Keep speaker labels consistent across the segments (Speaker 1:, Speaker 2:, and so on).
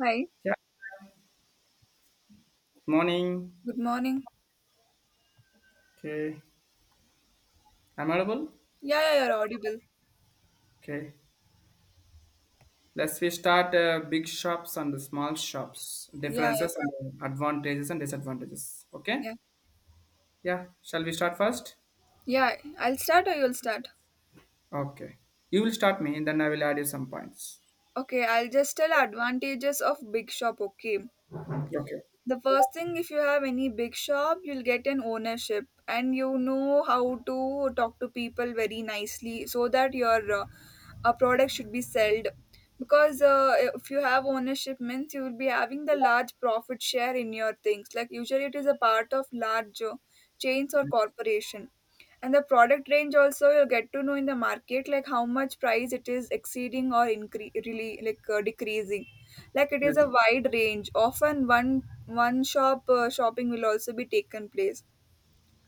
Speaker 1: Hi,
Speaker 2: Yeah, morning.
Speaker 1: good morning.
Speaker 2: Okay, I'm audible.
Speaker 1: Yeah, yeah, you're audible.
Speaker 2: Okay, let's we start big shops and the small shops,
Speaker 1: Yeah, yeah,
Speaker 2: differences and advantages and disadvantages. Okay,
Speaker 1: yeah.
Speaker 2: yeah, shall we start first?
Speaker 1: Yeah, I'll start or you'll start.
Speaker 2: Okay, you will start me, and then I will add you some points.
Speaker 1: Okay, I'll just tell advantages of big shop, okay?
Speaker 2: Okay,
Speaker 1: The first thing, if you have any big shop, you'll get an ownership and you know how to talk to people very nicely so that your a product should be sold. Because if you have ownership means you will be having the large profit share in your things. Like usually it is a part of large chains or corporation. And the product range also you'll get to know in the market, like how much price it is exceeding or incre really, like, decreasing. Like, it is
Speaker 2: yes,
Speaker 1: a wide range. Often one shop shopping will also be taken place.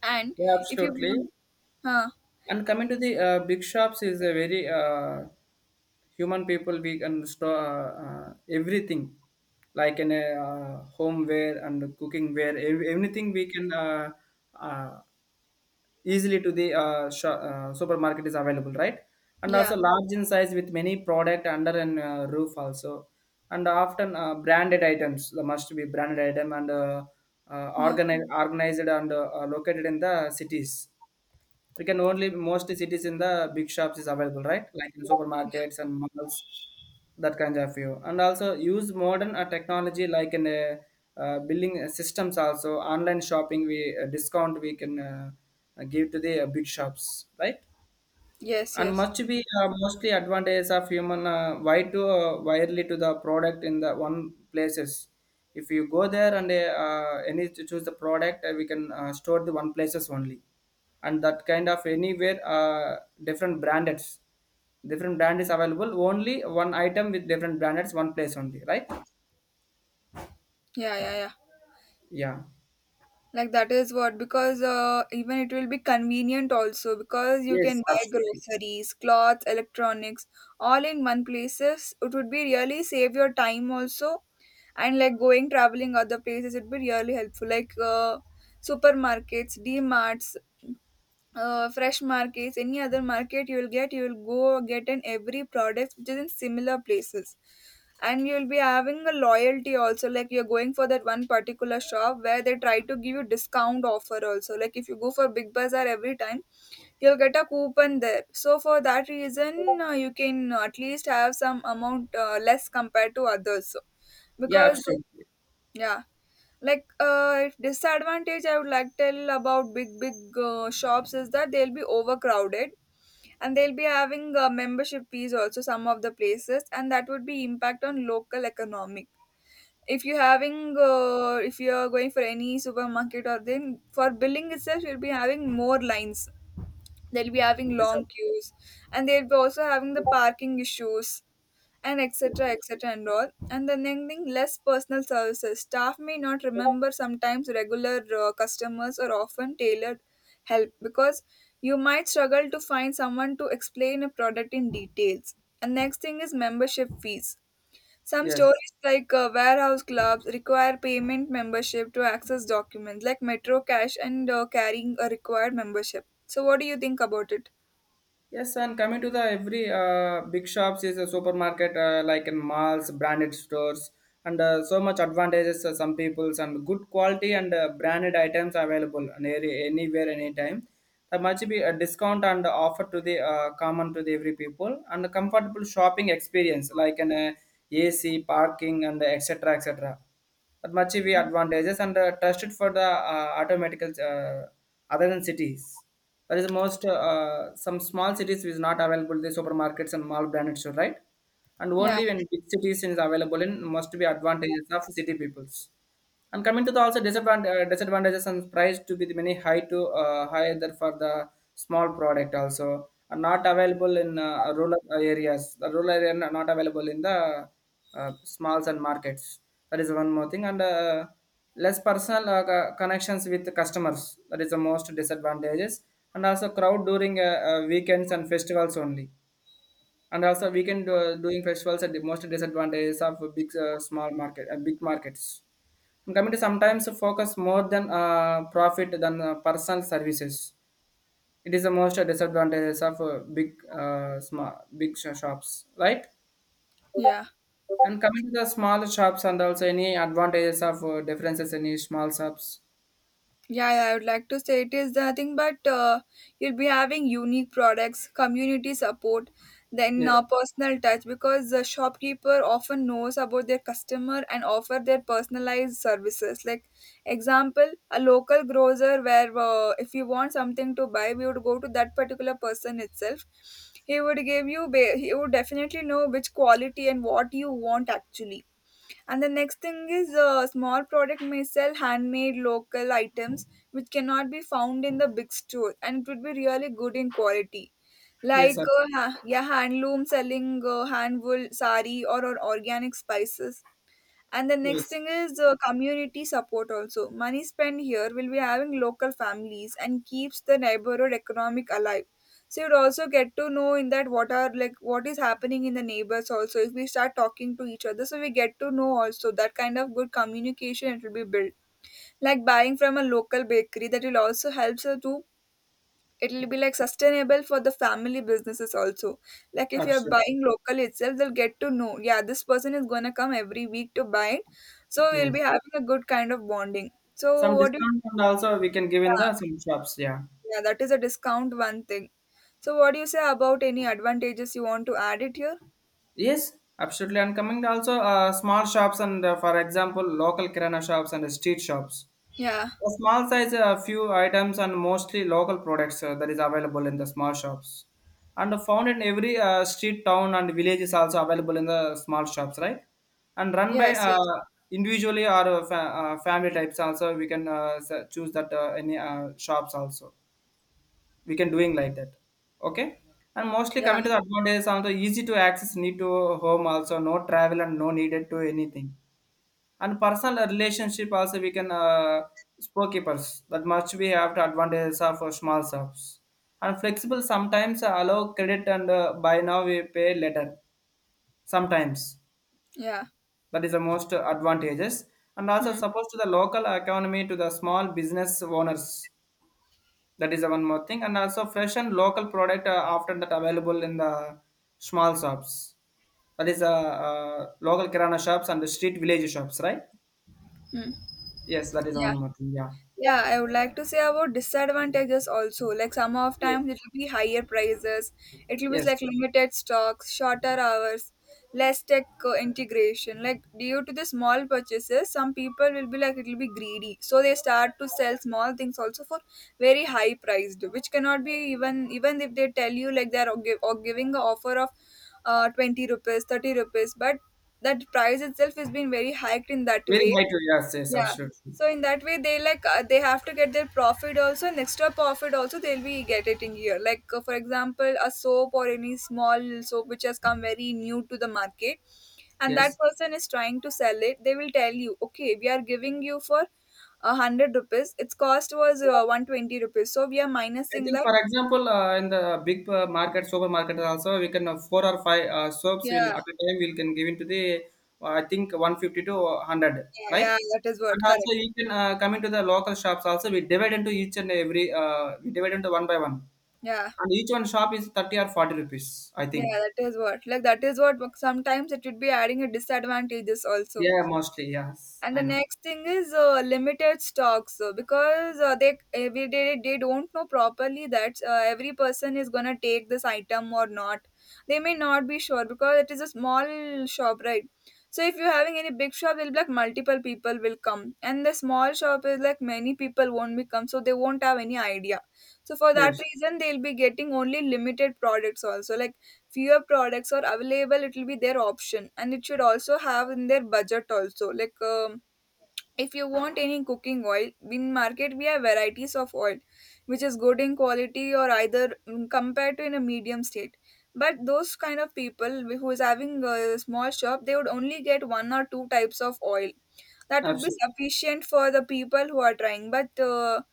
Speaker 1: And
Speaker 2: yeah,
Speaker 1: if you
Speaker 2: absolutely.
Speaker 1: want, huh?
Speaker 2: And coming to the big shops is a very human people we can store everything like in a homeware and cooking ware anything we can uh, easily to the supermarket is available, right? And
Speaker 1: Yeah,
Speaker 2: also large in size with many product under an roof also, and often branded items the must be branded item and
Speaker 1: yeah,
Speaker 2: organized and located in the cities. We can only most cities in the big shops is available, right? Like in supermarkets and malls, that kind of view, and also use modern technology like in building systems, also online shopping. We discount we can give to the big shops, right?
Speaker 1: yes,
Speaker 2: And
Speaker 1: yes.
Speaker 2: must be mostly advantages of human why to widely to the product in the one places. If you go there and any to choose the product, we can store the one places only, and that kind of anywhere different branded, different brand is available, only one item with different branded one place only, right?
Speaker 1: Yeah, yeah, yeah.
Speaker 2: Yeah.
Speaker 1: Like that is what, because even it will be convenient also, because you can
Speaker 2: Yes,
Speaker 1: buy
Speaker 2: absolutely.
Speaker 1: groceries, clothes, electronics all in one places. It would be really save your time also, and like going traveling other places, it'd be really helpful, like, supermarkets, dmarts, fresh markets, any other market, you will get, you will go get in every product which is in similar places. And you'll be having a loyalty also, like you're going for that one particular shop where they try to give you discount offer also. Like if you go for big bazaar every time, you'll get a coupon there, so for that reason, you can at least have some amount less compared to others,
Speaker 2: Yeah,
Speaker 1: because
Speaker 2: absolutely.
Speaker 1: yeah. Like, if disadvantage, I would like tell about big shops is that they'll be overcrowded, and they'll be having membership fees also, some of the places, and that would be impact on local economic. If you having, if you're going for any supermarket, or then for billing itself, you'll be having more lines. They'll be having
Speaker 2: Yes,
Speaker 1: long
Speaker 2: ab-.
Speaker 1: queues, and they'll be also having the parking issues and
Speaker 2: Yes,
Speaker 1: etc
Speaker 2: absolutely.
Speaker 1: etc and all. And the next thing, less personal services, staff may not remember sometimes regular customers or often tailored help, because you might struggle to find someone to explain a product in details. And next thing is membership fees, some
Speaker 2: Yes.
Speaker 1: stores like warehouse clubs require payment membership to access documents like metro cash, and carrying a required membership. So what do you think about it?
Speaker 2: Yes, and coming to the every big shops is a supermarket, like in malls, branded stores, and so much advantages for some peoples, and good quality and branded items available near anywhere anytime. There must be a discount and offer to the common to the every people, and a comfortable shopping experience like an AC, parking, and etc. etc. That much be advantages and trusted for the automatical other than cities. That is the most some small cities is not available the supermarkets and mall branded store, right? And
Speaker 1: Yeah,
Speaker 2: only when big cities is available in must be advantages of city peoples. And coming to the also disadvantages, and price to be the many high to higher than for the small product also are not available in rural areas. The rural area are not available in the smalls and markets. That is one more thing. And less personal connections with the customers. That is the most disadvantages. And also crowd during weekends and festivals only. And also weekend doing festivals are the most disadvantages of big small market big markets. And coming to sometimes focus more than profit than personal services. It is the most disadvantages of big small big sh- shops, right?
Speaker 1: yeah.
Speaker 2: And coming to the small shops, and also any advantages of differences in these small shops.
Speaker 1: Yeah, yeah, I would like to say it is nothing but you'll be having unique products, community support, then
Speaker 2: Yes,
Speaker 1: personal touch, because the shopkeeper often knows about their customer and offer their personalized services. Like example, a local grocer, where if you want something to buy, we would go to that particular person itself. He would give you, he would definitely know which quality and what you want actually. And the next thing is, a small product may sell handmade local items which cannot be found in the big store, and it would be really good in quality.
Speaker 2: yes,
Speaker 1: Like
Speaker 2: abs-
Speaker 1: yeah, handloom selling, hand wool sari, or organic spices. And the next
Speaker 2: yes,
Speaker 1: thing is community support also. Money spent here will be having local families and keeps the neighborhood economic alive. So you'd also get to know in that what are, like what is happening in the neighbors also. If we start talking to each other, so we get to know also that kind of good communication, it will be built. Like buying from a local bakery, that will also helps us to, it'll be like sustainable for the family businesses also. Like if you're
Speaker 2: absolutely.
Speaker 1: buying local itself, they'll get to know, yeah, this person is going to come every week to buy it, so we'll be
Speaker 2: Yes,
Speaker 1: having a good kind of bonding. So
Speaker 2: some
Speaker 1: what do you?
Speaker 2: discount and also we can give in
Speaker 1: Yeah,
Speaker 2: the some shops. Yeah.
Speaker 1: yeah, that is a discount, one thing. So what do you say about any advantages you want to add it here?
Speaker 2: Yes, absolutely. And coming to also small shops, and for example local kirana shops and street shops.
Speaker 1: Yeah,
Speaker 2: A small size, a few items, and mostly local products, that is available in the small shops. And found in every street, town, and village is also available in the small shops, right? And run by
Speaker 1: yes, yes,
Speaker 2: individually or family types also. We can choose that any shops also. We can doing like that. Okay. And mostly
Speaker 1: yeah,
Speaker 2: coming to the advantages also easy to access, need to home also, no travel and no needed to anything, and personal relationship also we can spokespeoples, that much we have to advantages of small shops. And flexible, sometimes allow credit and buy now we pay later. Sometimes
Speaker 1: yeah.
Speaker 2: that is the most advantages. And also
Speaker 1: Hmm.
Speaker 2: suppose to the local economy to the small business owners. That is the one more thing. And also fresh and local product often that available in the small shops. That is local kirana shops and the street village shops, right?
Speaker 1: Hmm.
Speaker 2: Yes, that is one
Speaker 1: Yeah.
Speaker 2: more thing. Yeah.
Speaker 1: Yeah, I would like to say about disadvantages also. Like, some of
Speaker 2: Yes.
Speaker 1: times it will be higher prices, it will be
Speaker 2: Yes,
Speaker 1: like limited stocks, shorter hours, less tech integration. Like due to the small purchases, some people will be like, it will be greedy, so they start to sell small things also for very high priced, which cannot be even if they tell you, like they are gi- or giving an offer of 20 rupees, 30 rupees, but that price itself has been very hiked in that
Speaker 2: very
Speaker 1: way.
Speaker 2: high to yes, yes,
Speaker 1: Yeah.
Speaker 2: absolutely.
Speaker 1: So in that way, they like, they have to get their profit also, and extra profit also they'll be getting here. Like, for example, a soap or any small soap which has come very new to the market, and that
Speaker 2: Yes,
Speaker 1: person is trying to sell it. They will tell you, okay, we are giving you for 100 rupees. Its cost was 120 rupees, so we are
Speaker 2: I
Speaker 1: minusing
Speaker 2: think
Speaker 1: that.
Speaker 2: for example, in the big market, supermarket also, we can four or five soaps will
Speaker 1: Yeah,
Speaker 2: at a time we can give into the I think 150 to hundred,
Speaker 1: yeah,
Speaker 2: like.
Speaker 1: yeah. That is what,
Speaker 2: And also
Speaker 1: correct.
Speaker 2: you can come into the local shops also. We divide into each and every, we divide into one by one,
Speaker 1: Yeah,
Speaker 2: and each one shop is 30 or 40 rupees, I
Speaker 1: yeah.
Speaker 2: think.
Speaker 1: That is what, like that is what sometimes it would be adding a disadvantages also.
Speaker 2: Yeah, mostly yes,
Speaker 1: And the
Speaker 2: I know.
Speaker 1: next thing is limited stocks, because they every day they don't know properly that every person is gonna take this item or not. They may not be sure because it is a small shop, right? So if you're having any big shop, it'll be like multiple people will come, and the small shop is like many people won't be come, so they won't have any idea. So for that
Speaker 2: Yes,
Speaker 1: reason, they'll be getting only limited products also. Like, fewer products are available, it will be their option, and it should also have in their budget also. Like, if you want any cooking oil, in market we have varieties of oil, which is good in quality or either mm, compared to in a medium state. But those kind of people who is having a small shop, they would only get one or two types of oil. That would be
Speaker 2: absolutely
Speaker 1: sufficient for the people who are trying. But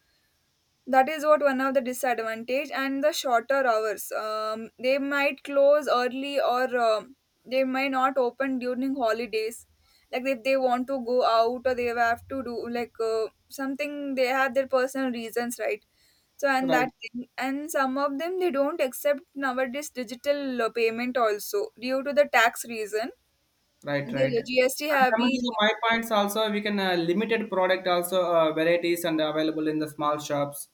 Speaker 1: that is what one of the disadvantage, and the shorter hours. They might close early, or they might not open during holidays. Like if they want to go out, or they have to do like something, they have their personal reasons, right? So and that
Speaker 2: right.
Speaker 1: thing, and some of them they don't accept nowadays digital payment also due to the tax reason.
Speaker 2: Right, right.
Speaker 1: The GST
Speaker 2: And
Speaker 1: have
Speaker 2: coming to
Speaker 1: been,
Speaker 2: the, my points also, we can limited product also varieties and available in the small shops,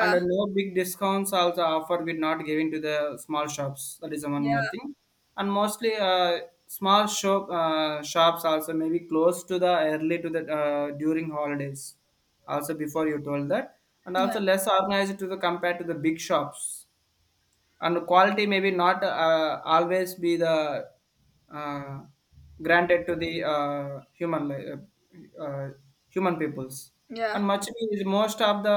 Speaker 2: and no big discounts also offer we not giving to the small shops. That is the one more
Speaker 1: yeah,
Speaker 2: thing, and mostly small shop shops also maybe close to the early to the during holidays. Also before you told that, and
Speaker 1: yeah,
Speaker 2: also less organized to the compared to the big shops, and quality maybe not always be the uh, granted to the uh, uh, human peoples,
Speaker 1: yeah,
Speaker 2: and much is most of the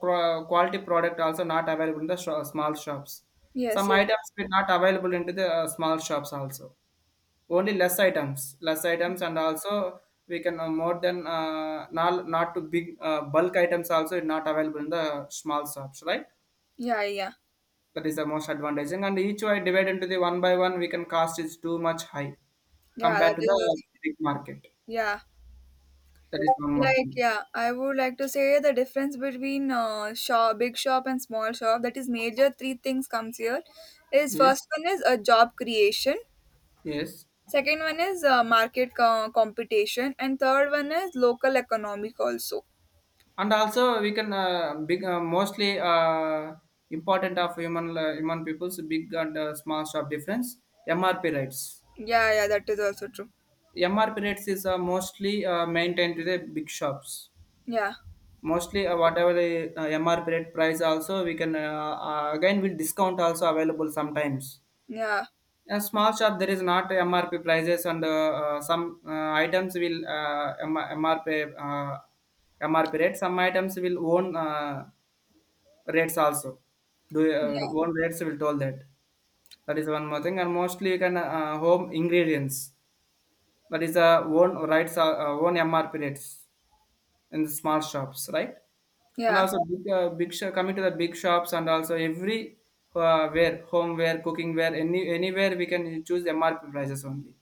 Speaker 2: quality product also not available in the small shops.
Speaker 1: yes,
Speaker 2: Some
Speaker 1: yes,
Speaker 2: items were not available into the small shops also, only less items, and also we can more than not to big bulk items also is not available in the small shops, right?
Speaker 1: yeah, yeah,
Speaker 2: That is the most advantage. And each way divided into the one by one, we can cost is too much high
Speaker 1: yeah, that
Speaker 2: compared to
Speaker 1: is what,
Speaker 2: the big market.
Speaker 1: yeah.
Speaker 2: That is one more
Speaker 1: Like,
Speaker 2: thing.
Speaker 1: yeah, I would like to say the difference between big shop and small shop. That is major three things comes here, is
Speaker 2: Yes,
Speaker 1: first one is a job creation,
Speaker 2: yes.
Speaker 1: second one is market competition, and third one is local economic also.
Speaker 2: And also we can big mostly important of human people's big and small shop difference. MRP rates.
Speaker 1: Yeah, yeah, that is also true.
Speaker 2: MRP rates is mostly maintained to the big shops.
Speaker 1: Yeah,
Speaker 2: Mostly whatever the MRP rate price, also we can again will discount also available sometimes.
Speaker 1: yeah,
Speaker 2: A small shop there is not MRP prices, and some items will MRP MRP rate. Some items will own rates also. Do
Speaker 1: yeah,
Speaker 2: own rates will told that. That is one more thing. And mostly you can home ingredients. That is own rights own MRP rates in the small shops, right? And
Speaker 1: yeah,
Speaker 2: also big shop, coming to the big shops and also every where homeware cooking ware any anywhere we can choose MRP prices only.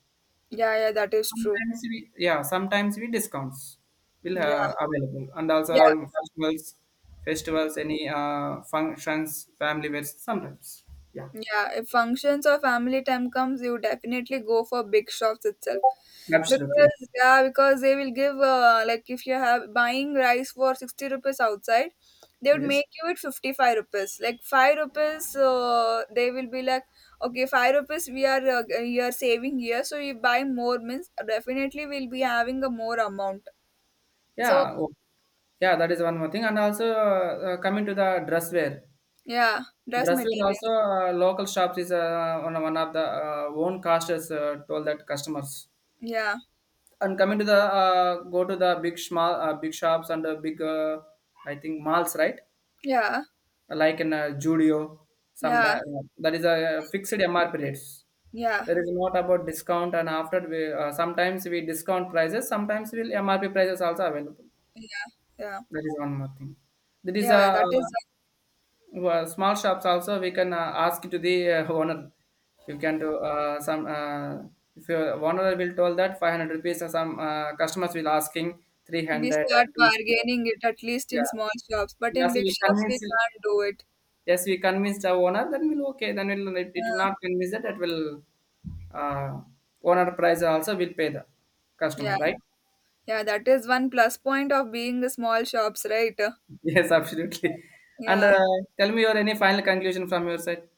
Speaker 1: yeah, yeah, that is true.
Speaker 2: Sometimes we, yeah, sometimes we discounts will
Speaker 1: Yeah,
Speaker 2: available, and also
Speaker 1: yeah,
Speaker 2: festivals, festivals, any functions, family wears sometimes. Yeah,
Speaker 1: yeah. If functions or family time comes, you definitely go for big shops itself.
Speaker 2: absolutely.
Speaker 1: Because yeah, because they will give, like if you have buying rice for 60 rupees outside, they would make
Speaker 2: Yes.
Speaker 1: you it 55 rupees. Like 5 rupees, they will be like, okay, 5 rupees we are, you are saving here, so you buy more means definitely we'll be having a more amount. So
Speaker 2: Yeah. Oh, yeah. That is one more thing, and also coming to the dress wear.
Speaker 1: yeah, dress
Speaker 2: Dress wear also
Speaker 1: materials.
Speaker 2: local shops is one of the own casters told that customers.
Speaker 1: Yeah,
Speaker 2: And coming to the go to the big shops and big I think malls, right?
Speaker 1: yeah,
Speaker 2: Like in Judio,
Speaker 1: yeah,
Speaker 2: sometimes that is a fixed MRP rates.
Speaker 1: yeah,
Speaker 2: There is not about discount, and after we sometimes we discount prices, sometimes we'll MRP prices also available.
Speaker 1: yeah,
Speaker 2: That is one more thing. That is
Speaker 1: yeah.
Speaker 2: a
Speaker 1: That is
Speaker 2: small shops also we can ask to the owner. You can do some if your owner will told that 500 rupees, some customers will asking
Speaker 1: we
Speaker 2: 300
Speaker 1: start
Speaker 2: and 200.
Speaker 1: bargaining it at least in
Speaker 2: Yeah,
Speaker 1: small shops, but
Speaker 2: yeah.
Speaker 1: in
Speaker 2: So
Speaker 1: big
Speaker 2: we
Speaker 1: shops we
Speaker 2: convince.
Speaker 1: can't do it.
Speaker 2: Yes, we convinced our owner, then we'll okay, then we'll, it will
Speaker 1: Uh,
Speaker 2: not convince that, that will uh, owner price also will pay the customer,
Speaker 1: yeah.
Speaker 2: right?
Speaker 1: Yeah, that is one plus point of being the small shops, right?
Speaker 2: Yes, absolutely. And
Speaker 1: Yeah.
Speaker 2: tell me your any final conclusion from your side.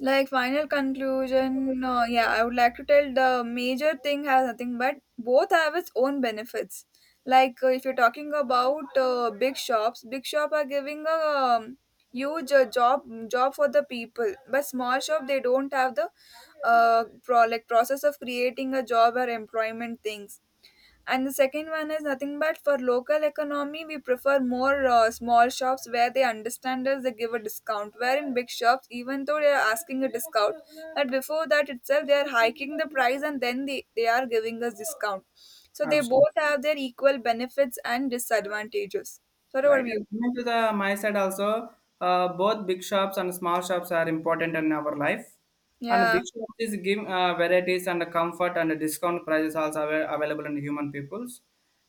Speaker 1: Like, final conclusion, yeah, I would like to tell the major thing has nothing but both have its own benefits. Like, if you're talking about big shops, big shop are giving a um, huge job for the people, but small shop they don't have the like process of creating a job or employment things. And the second one is nothing but for local economy, we prefer more small shops where they understand us, they give a discount. Where in big shops, even though they are asking a discount, but before that itself, they are hiking the price, and then they are giving us discount. So they
Speaker 2: Absolutely.
Speaker 1: both have their equal benefits and disadvantages. What
Speaker 2: Right.
Speaker 1: about you?
Speaker 2: And coming to the my side also, both big shops and small shops are important in our life. And
Speaker 1: Yeah.
Speaker 2: big shops is give varieties and comfort and discount prices also available in human peoples.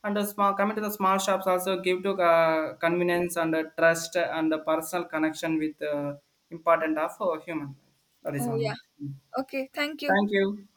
Speaker 2: And the small coming to the small shops also give to convenience and trust and the personal connection with important of human. That is
Speaker 1: Oh,
Speaker 2: one
Speaker 1: yeah.
Speaker 2: more.
Speaker 1: Okay. Thank you.
Speaker 2: Thank you.